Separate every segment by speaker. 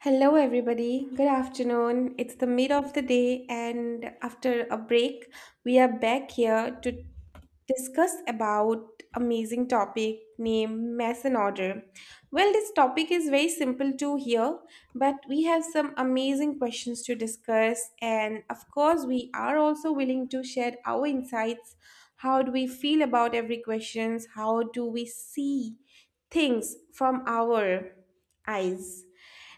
Speaker 1: Hello, everybody. Good afternoon. It's the mid of the day, and after a break, we are back here to discuss about amazing topic named mass and order. Well, this topic is very simple to hear, but we have some amazing questions to discuss, and of course, we are also willing to share our insights. How do we feel about every questions? How do we see things from our eyes?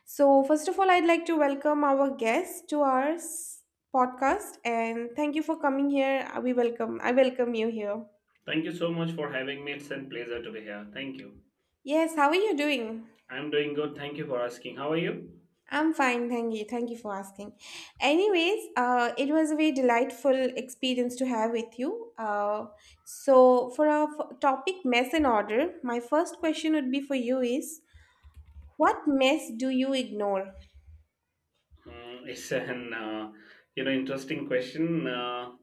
Speaker 1: So, first of all, I'd like to welcome our guest to our podcast and thank you for coming here. I welcome you here.
Speaker 2: Thank you so much for having me. It's a pleasure to be here. Thank you.
Speaker 1: Yes, how are you doing?
Speaker 2: I'm doing good. Thank you for asking. How are you?
Speaker 1: I'm fine, thank you. Thank you for asking. Anyways, it was a very delightful experience to have with you. So, for our topic mess and order, my first question would be for you is what mess do you ignore?
Speaker 2: It's an interesting question.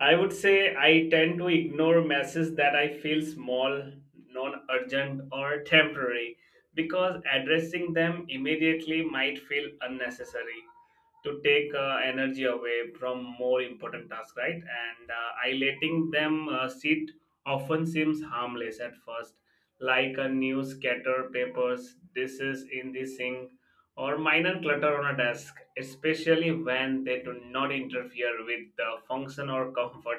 Speaker 2: I would say I tend to ignore messages that I feel small, non-urgent, or temporary because addressing them immediately might feel unnecessary. To take energy away from more important tasks, right? And I letting them sit often seems harmless at first, like a new scatter papers, dishes in the sink, or minor clutter on a desk, especially when they do not interfere with the function or comfort.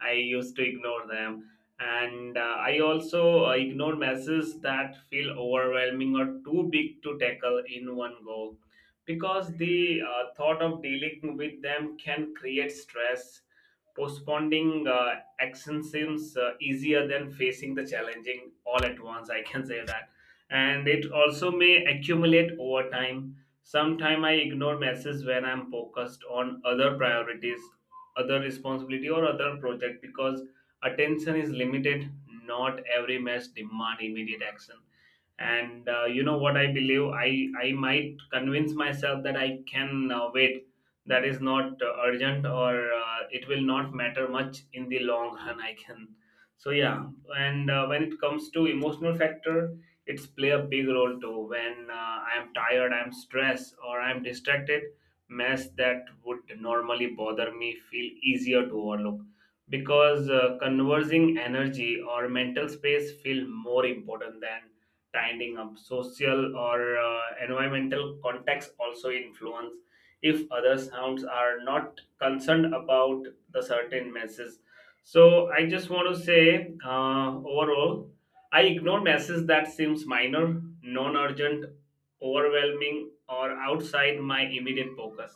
Speaker 2: I used to ignore them. And I also ignore messages that feel overwhelming or too big to tackle in one go because the thought of dealing with them can create stress, postponing action seems easier than facing the challenging all at once, I can say that. And it also may accumulate over time. Sometimes I ignore messages when I'm focused on other priorities, other responsibility or other project, because attention is limited, not every mess demand immediate action. And what I believe, I might convince myself that I can wait, that is not urgent or it will not matter much in the long run, I can. So yeah. And when it comes to emotional factor, it's play a big role too. When I'm tired, I'm stressed, or I'm distracted, mess that would normally bother me feel easier to overlook, because conversing energy or mental space feel more important than tidying up. Social or environmental context also influence, if other sounds are not concerned about the certain message. So I just want to say, overall, I ignore messages that seems minor, non-urgent, overwhelming, or outside my immediate focus.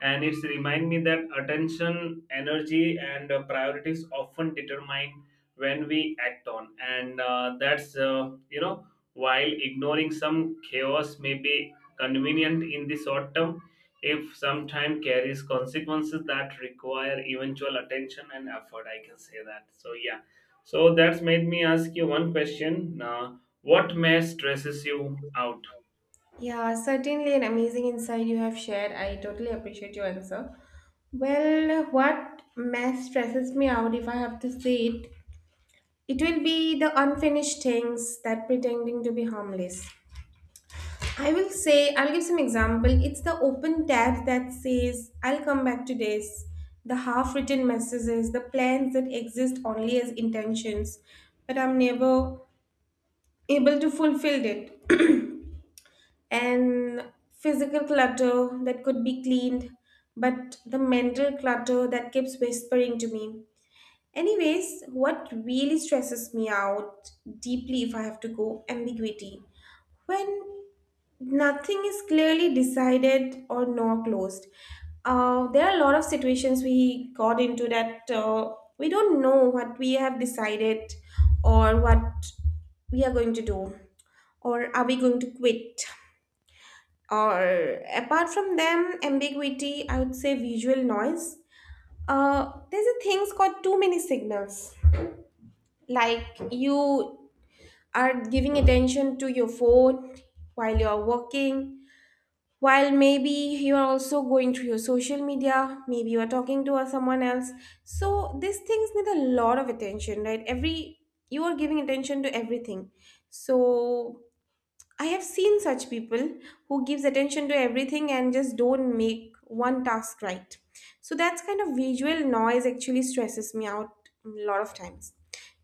Speaker 2: And it's remind me that attention, energy, and priorities often determine when we act on. And that's you know while ignoring some chaos may be convenient in the short term, if some time carries consequences that require eventual attention and effort, I can say that. So yeah. So that's made me ask you one question. Now, what may stresses you out?
Speaker 1: Yeah, certainly an amazing insight you have shared. I totally appreciate your answer. Well, what mess stresses me out, if I have to say it, it will be the unfinished things that pretending to be harmless. I will say, I'll give some example. It's the open tab that says, I'll come back to this. The half written messages, the plans that exist only as intentions, but I'm never able to fulfill it. And physical clutter that could be cleaned, but the mental clutter that keeps whispering to me. Anyways, what really stresses me out deeply, if I have to go, ambiguity. When nothing is clearly decided or nor closed. There are a lot of situations we got into that we don't know what we have decided or what we are going to do or are we going to quit, or apart from them ambiguity, I would say visual noise. There's a things called too many signals, like you are giving attention to your phone while you're working, while maybe you are also going through your social media, maybe you are talking to someone else. So these things need a lot of attention, right? Every, you are giving attention to everything. So I have seen such people who gives attention to everything and just don't make one task, right. So that's kind of visual noise actually stresses me out a lot of times.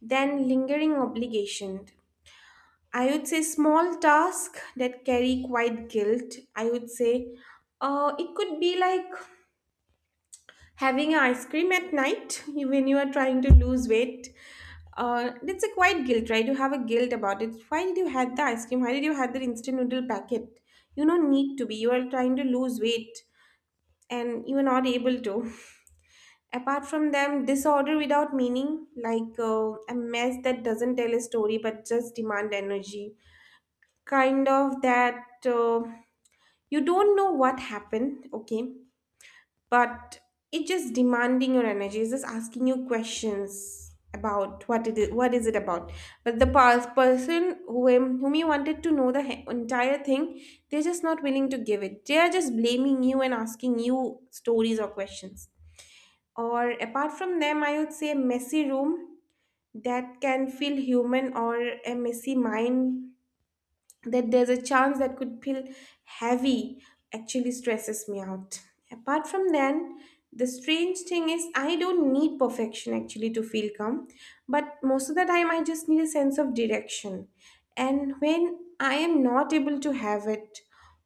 Speaker 1: Then lingering obligation. I would say small tasks that carry quite guilt. I would say it could be like having ice cream at night when you are trying to lose weight, that's a quite guilt, right? You have a guilt about it. Why did you had the ice cream? Why did you had the instant noodle packet? You don't need to be. You are trying to lose weight and you are not able to. Apart from them, disorder without meaning, like a mess that doesn't tell a story but just demand energy. Kind of that you don't know what happened, okay? But it's just demanding your energy, it's just asking you questions about what it is, what is it about, but the past person whom you wanted to know the entire thing, they're just not willing to give it, they are just blaming you and asking you stories or questions, or apart from them I would say a messy room that can feel human, or a messy mind that there's a chance that could feel heavy, actually stresses me out. Apart from then, the strange thing is I don't need perfection actually to feel calm, but most of the time I just need a sense of direction. And when I am not able to have it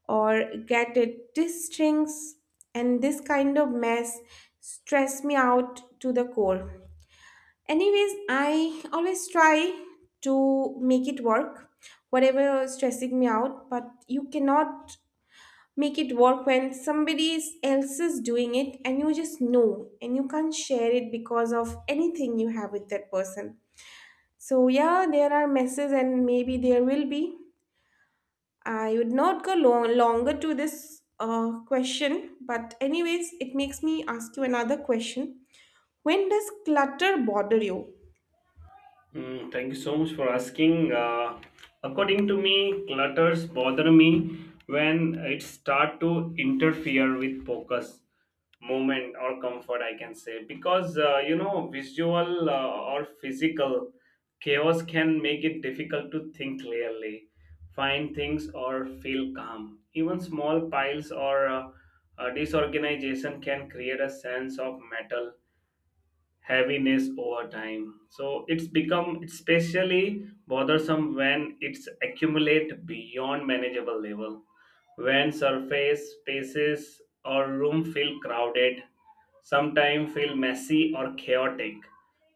Speaker 1: or get it, these strings and this kind of mess stress me out to the core. Anyways, I always try to make it work, whatever is stressing me out, but you cannot make it work when somebody else is doing it and you just know and you can't share it because of anything you have with that person. So, yeah, there are messes and maybe there will be. I would not go longer to this question, but anyways, it makes me ask you another question. When does clutter bother you?
Speaker 2: Thank you so much for asking. According to me, clutters bother me when it start to interfere with focus, movement, or comfort. I can say, because visual or physical chaos can make it difficult to think clearly, find things, or feel calm. Even small piles or disorganization can create a sense of metal heaviness over time. So it's become especially bothersome when it's accumulate beyond manageable level. When surface spaces or room feel crowded, sometimes feel messy or chaotic,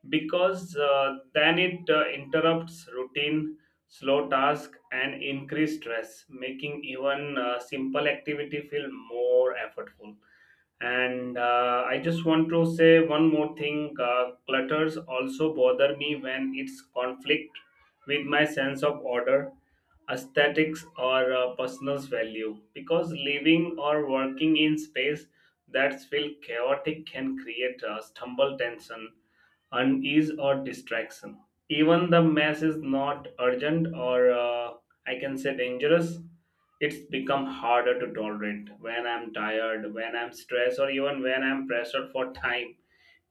Speaker 2: because then it interrupts routine, slow task, and increase stress, making even simple activity feel more effortful. And I just want to say one more thing. Clutters also bother me when it's conflict with my sense of order, aesthetics, or personal value. Because living or working in space that's feel chaotic can create a stumble tension, unease, or distraction. Even the mess is not urgent or I can say dangerous, it's become harder to tolerate when I'm tired, when I'm stressed, or even when I'm pressured for time.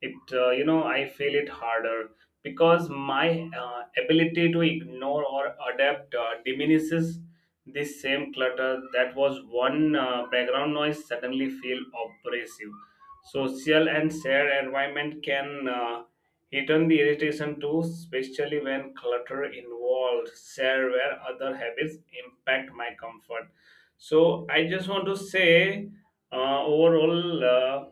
Speaker 2: It, I feel it harder because my ability to ignore or adapt diminishes. This same clutter that was one background noise suddenly feel oppressive. Social and shared environment can he turned the irritation to, especially when clutter involved, share where other habits impact my comfort. So I just want to say, overall,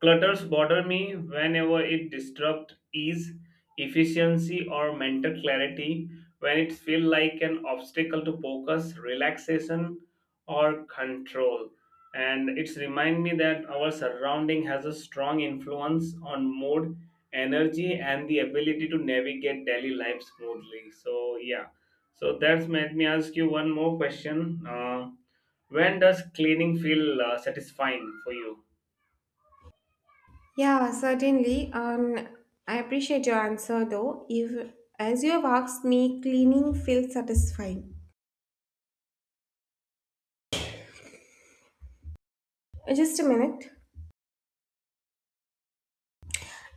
Speaker 2: clutters bother me whenever it disrupts ease, efficiency, or mental clarity. When it feels like an obstacle to focus, relaxation, or control. And it's remind me that our surrounding has a strong influence on mood, energy, and the ability to navigate daily life smoothly. So yeah, so that's made me ask you one more question. When does cleaning feel satisfying for you?
Speaker 1: Yeah, certainly. I appreciate your answer though. If, as you have asked me, cleaning feels satisfying. Just a minute.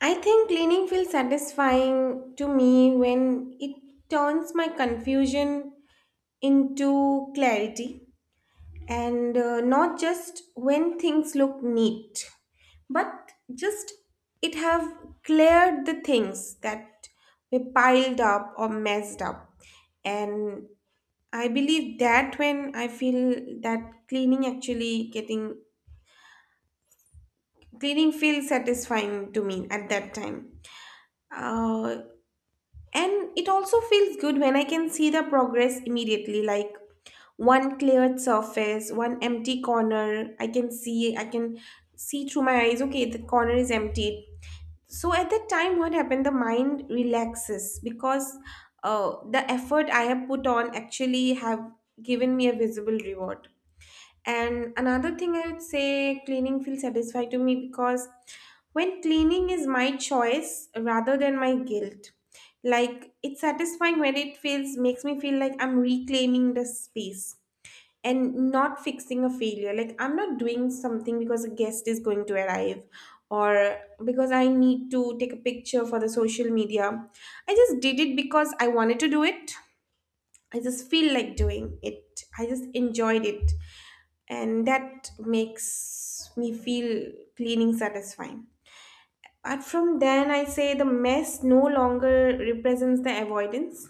Speaker 1: I think cleaning feels satisfying to me when it turns my confusion into clarity, and not just when things look neat, but just it have cleared the things that were piled up or messed up, and I believe that when I feel that cleaning actually getting cleaning feels satisfying to me at that time. Uh, and it also feels good when I can see the progress immediately, like one cleared surface, one empty corner. I can see through my eyes, okay, the corner is emptied. So at that time, what happened? The mind relaxes because the effort I have put on actually have given me a visible reward. And another thing I would say cleaning feels satisfied to me because when cleaning is my choice rather than my guilt, like it's satisfying when it feels makes me feel like I'm reclaiming the space and not fixing a failure. Like I'm not doing something because a guest is going to arrive, or because I need to take a picture for the social media. I just did it because I wanted to do it. I just feel like doing it. I just enjoyed it, and that makes me feel cleaning satisfying. Apart from then, I say the mess no longer represents the avoidance.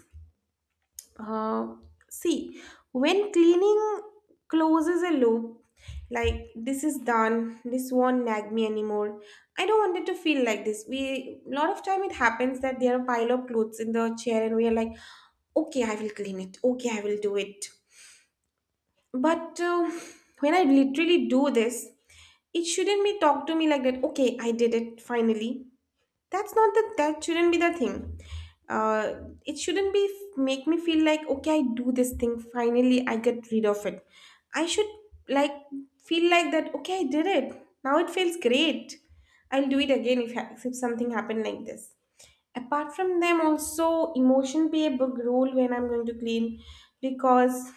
Speaker 1: Uh, See, when cleaning closes a loop, like this is done, this won't nag me anymore. I don't want it to feel like this. We, a lot of time it happens that there are pile of clothes in the chair, and we are like, okay, I will clean it. Okay, I will do it. But when I literally do this, it shouldn't be talk to me like that. Okay, I did it finally. That's not the that shouldn't be the thing. Uh, it shouldn't be make me feel like okay, I do this thing finally. I get rid of it. I should like feel like that. Okay, I did it. Now it feels great. I'll do it again if, if something happened like this. Apart from them, also emotion play a big role when I'm going to clean, because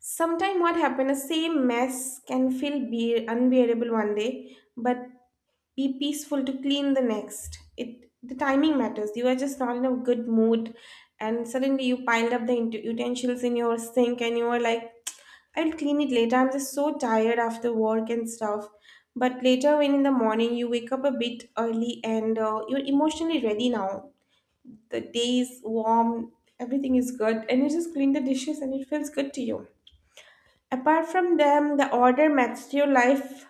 Speaker 1: sometimes what happened, the same mess can feel be unbearable one day, but be peaceful to clean the next. It The timing matters. You are just not in a good mood, and suddenly you piled up the utensils in your sink, and you are like, "I'll clean it later. I'm just so tired after work and stuff." But later, when in the morning you wake up a bit early and you're emotionally ready now. The day is warm, everything is good, and you just clean the dishes, and it feels good to you. Apart from them, the order matters to your life.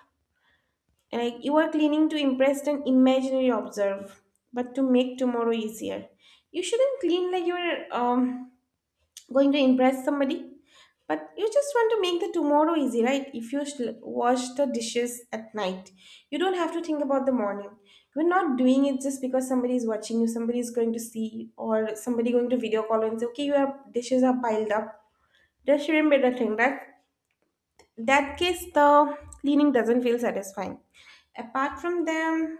Speaker 1: Like you are cleaning to impress an imaginary observe, but to make tomorrow easier. You shouldn't clean like you're going to impress somebody, but you just want to make the tomorrow easy, right? If you wash the dishes at night, you don't have to think about the morning. You're not doing it just because somebody is watching you, somebody is going to see, or somebody going to video call and say, "Okay, your dishes are piled up." That shouldn't be the thing. That case the cleaning doesn't feel satisfying. Apart from them,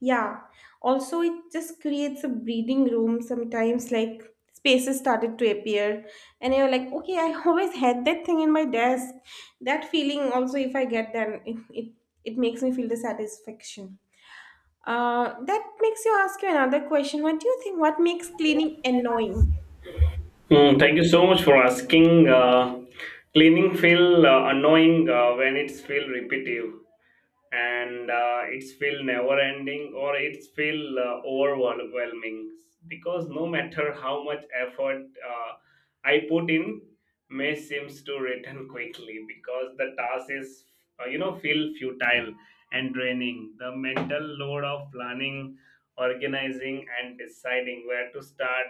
Speaker 1: yeah, also it just creates a breathing room sometimes, like spaces started to appear and you're like okay I always had that thing in my desk. That feeling also if I get, then it makes me feel the satisfaction. That makes you ask you another question, what do you think, what makes cleaning annoying?
Speaker 2: Hmm, thank you so much for asking. Cleaning feel annoying when it's feel repetitive and it's feel never ending or it's feel overwhelming, because no matter how much effort I put in, may seems to return quickly, because the task is feel futile and draining. The mental load of planning, organizing, and deciding where to start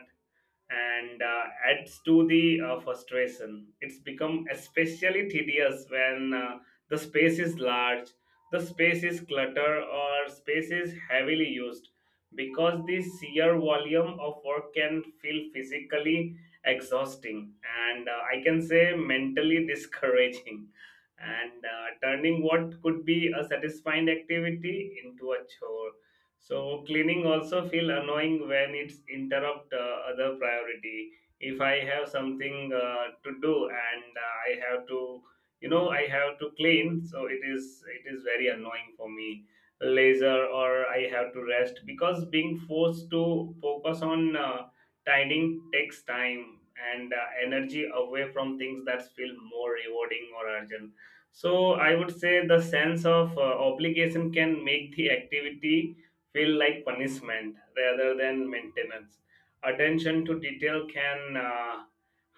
Speaker 2: and adds to the frustration. It's become especially tedious when the space is large, the space is clutter, or space is heavily used, because the sheer volume of work can feel physically exhausting and I can say mentally discouraging, and turning what could be a satisfying activity into a chore. So cleaning also feel annoying when it's interrupt other priority. If I have something to do and I have to, I have to clean, so it is very annoying for me. Laser or I have to rest, because being forced to focus on tidying takes time and energy away from things that feel more rewarding or urgent. So I would say the sense of obligation can make the activity feel like punishment rather than maintenance. Attention to detail can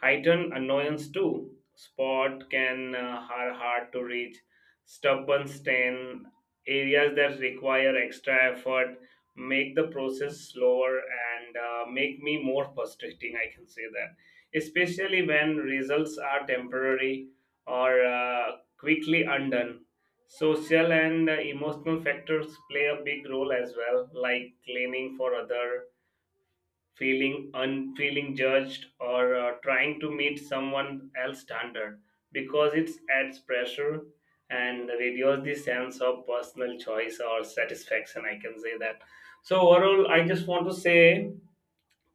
Speaker 2: heighten annoyance too. Spot can are hard to reach. Stubborn stain, areas that require extra effort, make the process slower and make me more frustrating. I can say that, especially when results are temporary or quickly undone. Social and emotional factors play a big role as well, like cleaning for other, feeling un, feeling judged, or trying to meet someone else standard, because it adds pressure and reduces the sense of personal choice or satisfaction. I can say that. So overall, I just want to say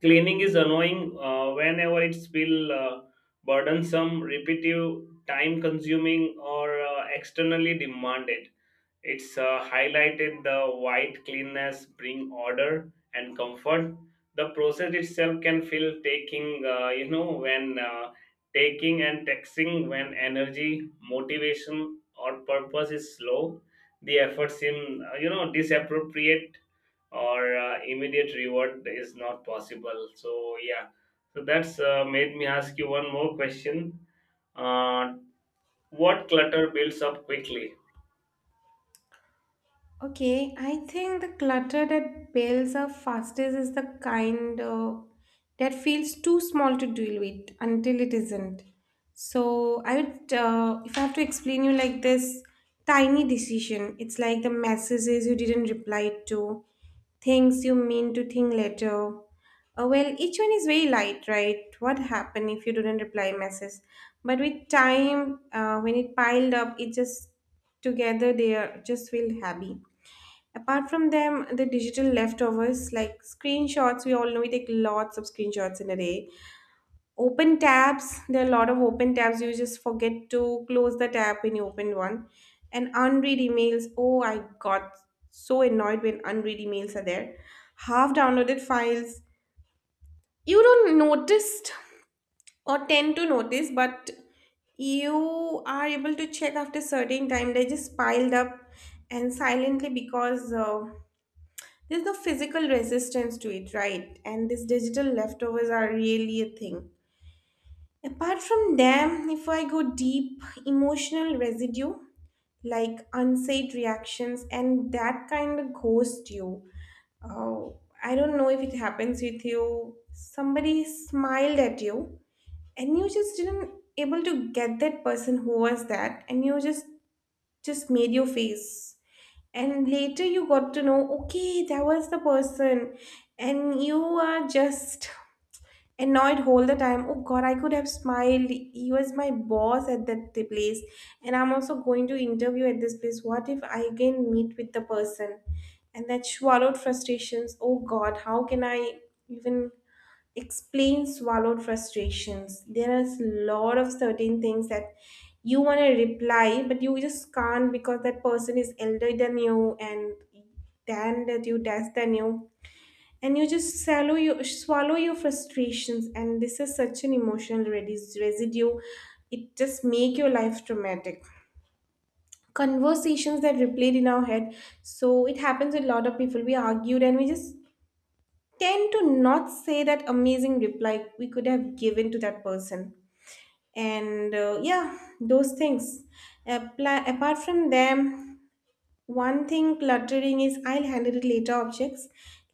Speaker 2: cleaning is annoying whenever it's feel burdensome, repetitive, time consuming, or externally demanded. It's highlighted the white cleanness bring order and comfort, the process itself can feel taking when taking and taxing, when energy, motivation, or purpose is slow, the effort seem disappropriate or immediate reward is not possible. So yeah, so that's made me ask you one more question. Uh, what clutter builds up quickly?
Speaker 1: Okay, I think the clutter that builds up fastest is the kind that feels too small to deal with until it isn't. So I would, if I have to explain you like this, tiny decision. It's like the messages you didn't reply to, things you mean to think later. Well, each one is very light, right? What happened if you didn't reply message? But with time, when it piled up, it just together they are just feel happy. Apart from them, the digital leftovers like screenshots, we all know we take lots of screenshots in a day. Open tabs, there are a lot of open tabs. You just forget to close the tab when you open one. And unread emails. Oh, I got so annoyed when unread emails are there. Half downloaded files. You don't notice or tend to notice, but you are able to check after certain time. They just piled up and silently because there's no physical resistance to it, right? And these digital leftovers are really a thing. Apart from them, if I go deep, emotional residue, like unsaid reactions, and that kind of ghost you. Oh, I don't know if it happens with you. Somebody smiled at you, and you just didn't able to get that person who was that, and you just made your face, and later you got to know, okay, that was the person, and you are just annoyed all the time. Oh god, I could have smiled. He was my boss at that the place, and I'm also going to interview at this place. What if I again meet with the person? And that swallowed frustrations. Oh god, how can I even explain swallowed frustrations. There is a lot of certain things that you want to reply, but you just can't because that person is elder than you and than that you, that's than you. And you just swallow your frustrations. And this is such an emotional residue. It just make your life traumatic. Conversations that replayed in our head, so it happens with a lot of people. We argued and we just tend to not say that amazing reply we could have given to that person, and yeah, those things apply. Apart from them, one thing cluttering is I'll handle it later objects,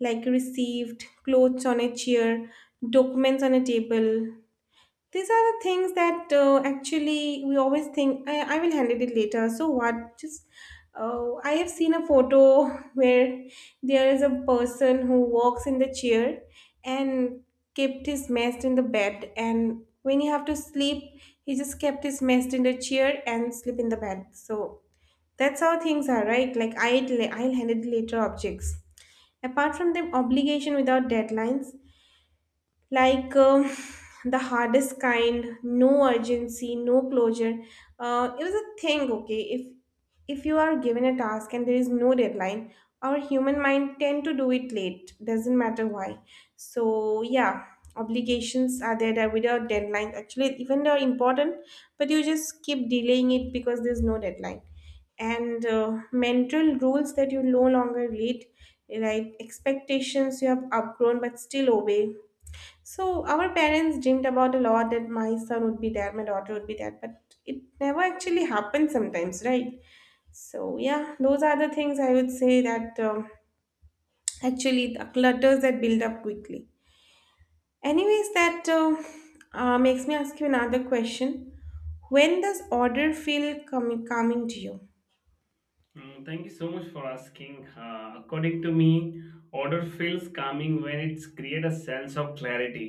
Speaker 1: like received clothes on a chair, documents on a table. These are the things that actually we always think I will handle it later. So what? Just I have seen a photo where there is a person who walks in the chair and kept his mess in the bed, and when you have to sleep, he just kept his mess in the chair and sleep in the bed. So that's how things are, right? Like I'll handle it later objects. Apart from them, obligation without deadlines, like the hardest kind, no urgency, no closure. It was a thing, okay, if you are given a task and there is no deadline, our human mind tend to do it late. Doesn't matter why. So yeah, obligations are there that without deadline, actually even they're important, but you just keep delaying it because there's no deadline. And mental rules that you no longer read, right, expectations you have outgrown but still obey. So our parents dreamed about a lot that my son would be that, my daughter would be that, but it never actually happens sometimes, right? So yeah, those are the things I would say that actually the clutters that build up quickly. Anyways, that makes me ask you another question. When does order feel calming to you?
Speaker 2: Thank you so much for asking. According to me, order feels calming when it's create a sense of clarity,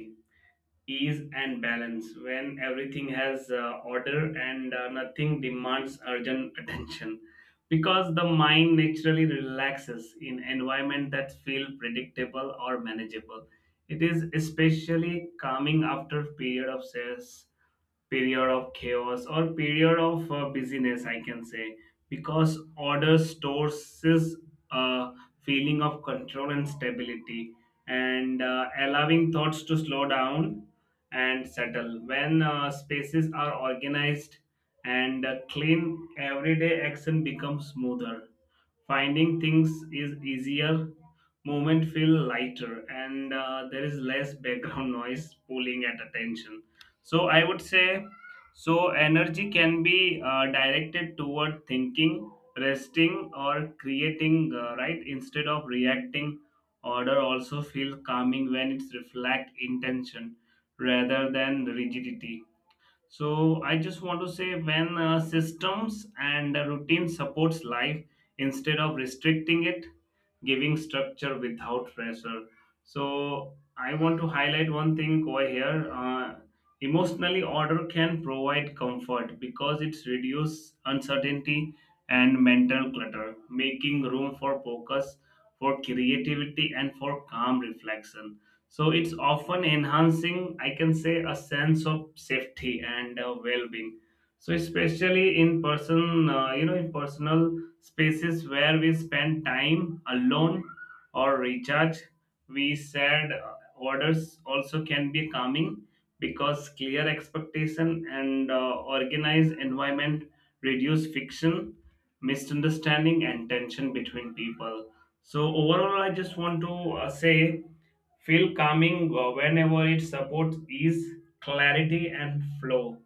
Speaker 2: ease, and balance, when everything has order and nothing demands urgent attention, because the mind naturally relaxes in environment that feel predictable or manageable. It is especially calming after period of stress, period of chaos, or period of busyness, I can say, because order stores is a feeling of control and stability, and allowing thoughts to slow down and settle. When spaces are organized and clean, everyday action becomes smoother, finding things is easier, movement feel lighter, and there is less background noise pulling at attention. So I would say, so energy can be directed toward thinking, resting, or creating, right, instead of reacting. Order also feel calming when it's reflect intention rather than rigidity. So I just want to say, when systems and routine supports life instead of restricting it, giving structure without pressure. So I want to highlight one thing over here. Emotionally, order can provide comfort because it's reduce uncertainty and mental clutter, making room for focus, for creativity, and for calm reflection, so it's often enhancing, I can say, a sense of safety and well-being. So especially in person, in personal spaces where we spend time alone or recharge, we said orders also can be calming, because clear expectation and organized environment reduce fiction, misunderstanding, and tension between people. So overall, I just want to say feel calming whenever it supports ease, clarity, and flow.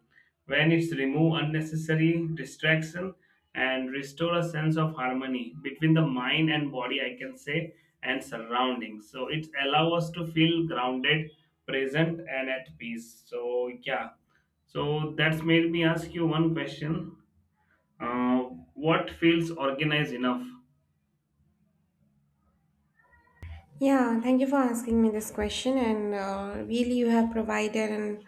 Speaker 2: When it's remove unnecessary distraction and restore a sense of harmony between the mind and body, I can say, and surroundings. So it allow us to feel grounded, present, and at peace. So yeah. So that's made me ask you one question. Uh, what feels organized enough?
Speaker 1: Yeah, thank you for asking me this question. And really, you have provided an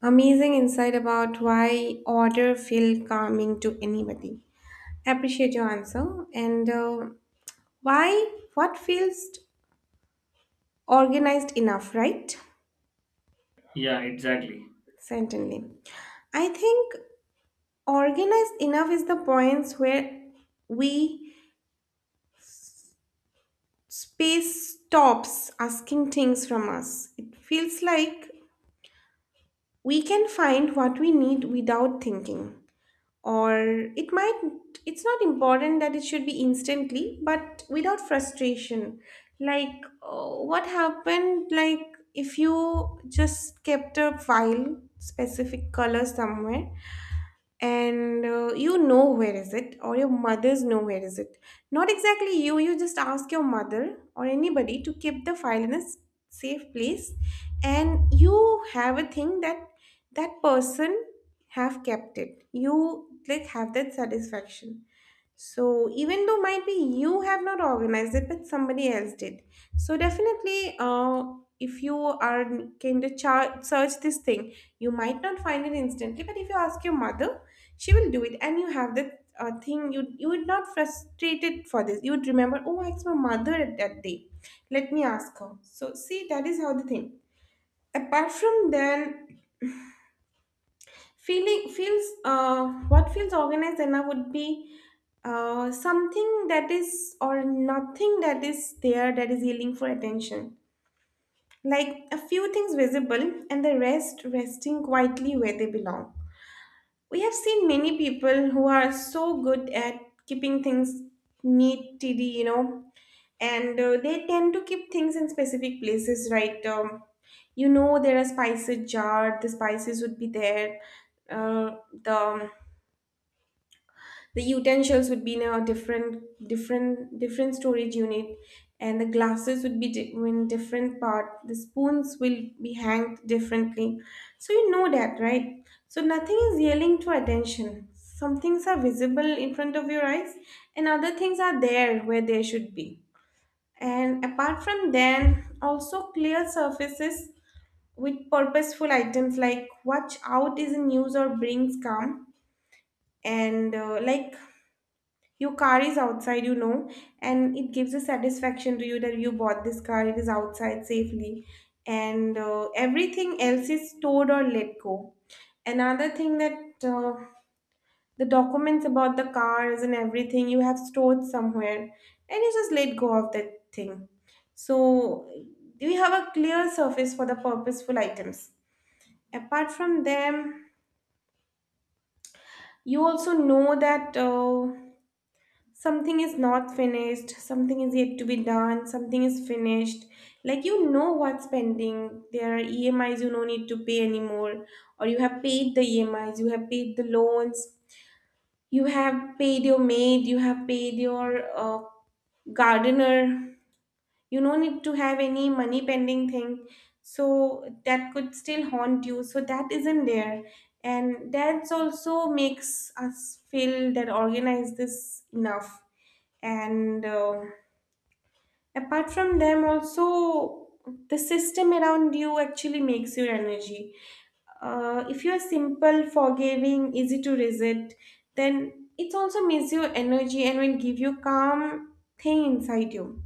Speaker 1: amazing insight about why order feel calming to anybody. Appreciate your answer. And why, what feels organized enough, right?
Speaker 2: Yeah, exactly.
Speaker 1: Certainly. I think organized enough is the points where we space stops asking things from us. It feels like we can find what we need without thinking, or it might it's not important that it should be instantly but without frustration. Like what happened, like if you just kept a file specific color somewhere, and you know where is it, or your mother's know where is it. Not exactly, you just ask your mother or anybody to keep the file in a safe place, and you have a thing that that person have kept it. You like have that satisfaction. So even though might be you have not organized it, but somebody else did. So definitely, if you are kind of search this thing, you might not find it instantly. But if you ask your mother, she will do it, and you have that thing. You would not frustrated for this. You would remember, oh, I asked my mother at that day. Let me ask her. So see, that is how the thing. Apart from then, feeling feels, what feels organized enough would be something that is, or nothing that is there that is yelling for attention. Like a few things visible and the rest resting quietly where they belong. We have seen many people who are so good at keeping things neat, tidy, you know, and they tend to keep things in specific places, right? You know, there are spices jar, the spices would be there. Uh, the um, The utensils would be in a different storage unit, and the glasses would be in different part. The spoons will be hanged differently. So you know that, right? So nothing is yelling to attention. Some things are visible in front of your eyes, and other things are there where they should be. And apart from them, also clear surfaces with purposeful items, like watch out is in use, or brings calm. And like your car is outside, you know, and it gives a satisfaction to you that you bought this car, it is outside safely, and everything else is stored or let go. Another thing that the documents about the cars and everything you have stored somewhere, and you just let go of that thing. So, we have a clear surface for the purposeful items. Apart from them, you also know that. Something is not finished, something is yet to be done, something is finished. Like, you know what's pending? There are EMIs you no need to pay anymore, or you have paid the EMIs, you have paid the loans, you have paid your maid, you have paid your uh, gardener. You no need to have any money pending thing. So that could still haunt you, so that isn't there. And that's also makes us feel that organized is enough. And apart from them also, the system around you actually makes your energy. If you're simple, forgiving, easy to resist, then it also makes your energy and will give you calm thing inside you,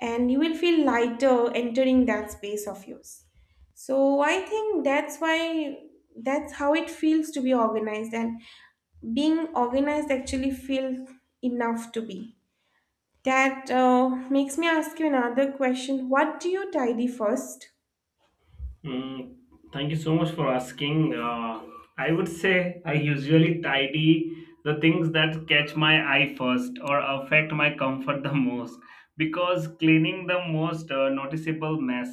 Speaker 1: and you will feel lighter entering that space of yours. So I think that's why, that's how it feels to be organized. And being organized actually feels enough to be. That makes me ask you another question. What do you tidy first?
Speaker 2: Hmm, thank you so much for asking. I would say I usually tidy the things that catch my eye first or affect my comfort the most, because cleaning the most noticeable mess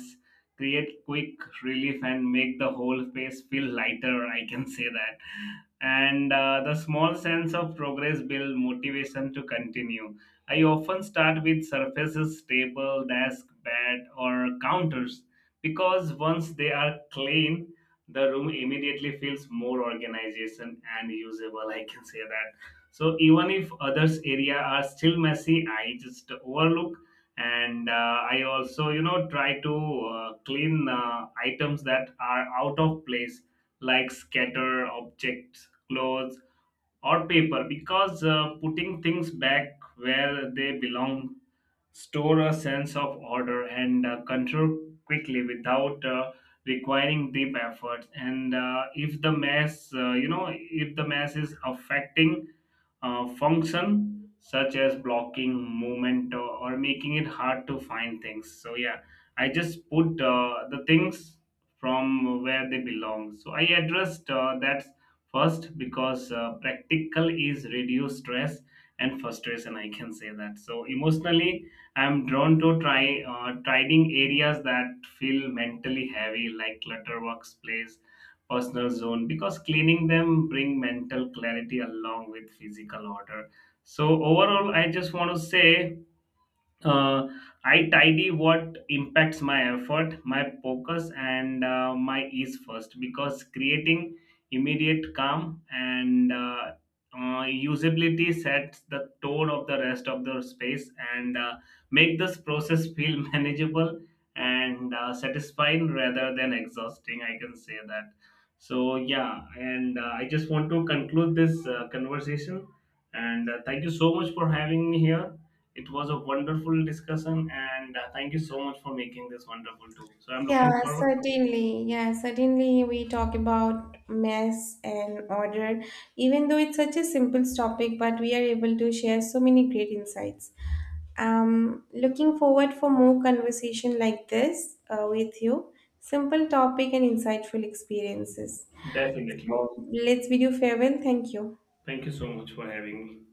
Speaker 2: create quick relief and make the whole space feel lighter, I can say that. And the small sense of progress build motivation to continue. I often start with surfaces, table, desk, bed, or counters, because once they are clean, the room immediately feels more organization and usable, I can say that. So even if others area are still messy, I just overlook. And I also, try to clean items that are out of place, like scatter objects, clothes, or paper, because putting things back where they belong store a sense of order and control quickly without requiring deep efforts. And if the mass if the mass is affecting function, such as blocking movement, or making it hard to find things, so yeah, I just put the things from where they belong, so I addressed that first, because practical is reduce stress and frustration, I can say that. So emotionally, I'm drawn to try trading areas that feel mentally heavy, like clutter workspace, personal zone, because cleaning them bring mental clarity along with physical order. So overall, I just want to say uh, I tidy what impacts my effort, my focus, and my ease first, because creating immediate calm and usability sets the tone of the rest of the space, and make this process feel manageable and satisfying rather than exhausting. I can say that. So yeah, and I just want to conclude this conversation. And thank you so much for having me here, it was a wonderful discussion, and thank you so much for making this wonderful too. So I'm looking
Speaker 1: Yeah,
Speaker 2: forward.
Speaker 1: certainly. Yeah, certainly, we talk about mess and order. Even though it's such a simple topic, but we are able to share so many great insights. Looking forward for more conversation like this with you. Simple topic and insightful experiences.
Speaker 2: Definitely.
Speaker 1: So let's bid you farewell. Thank you.
Speaker 2: Thank you so much for having me.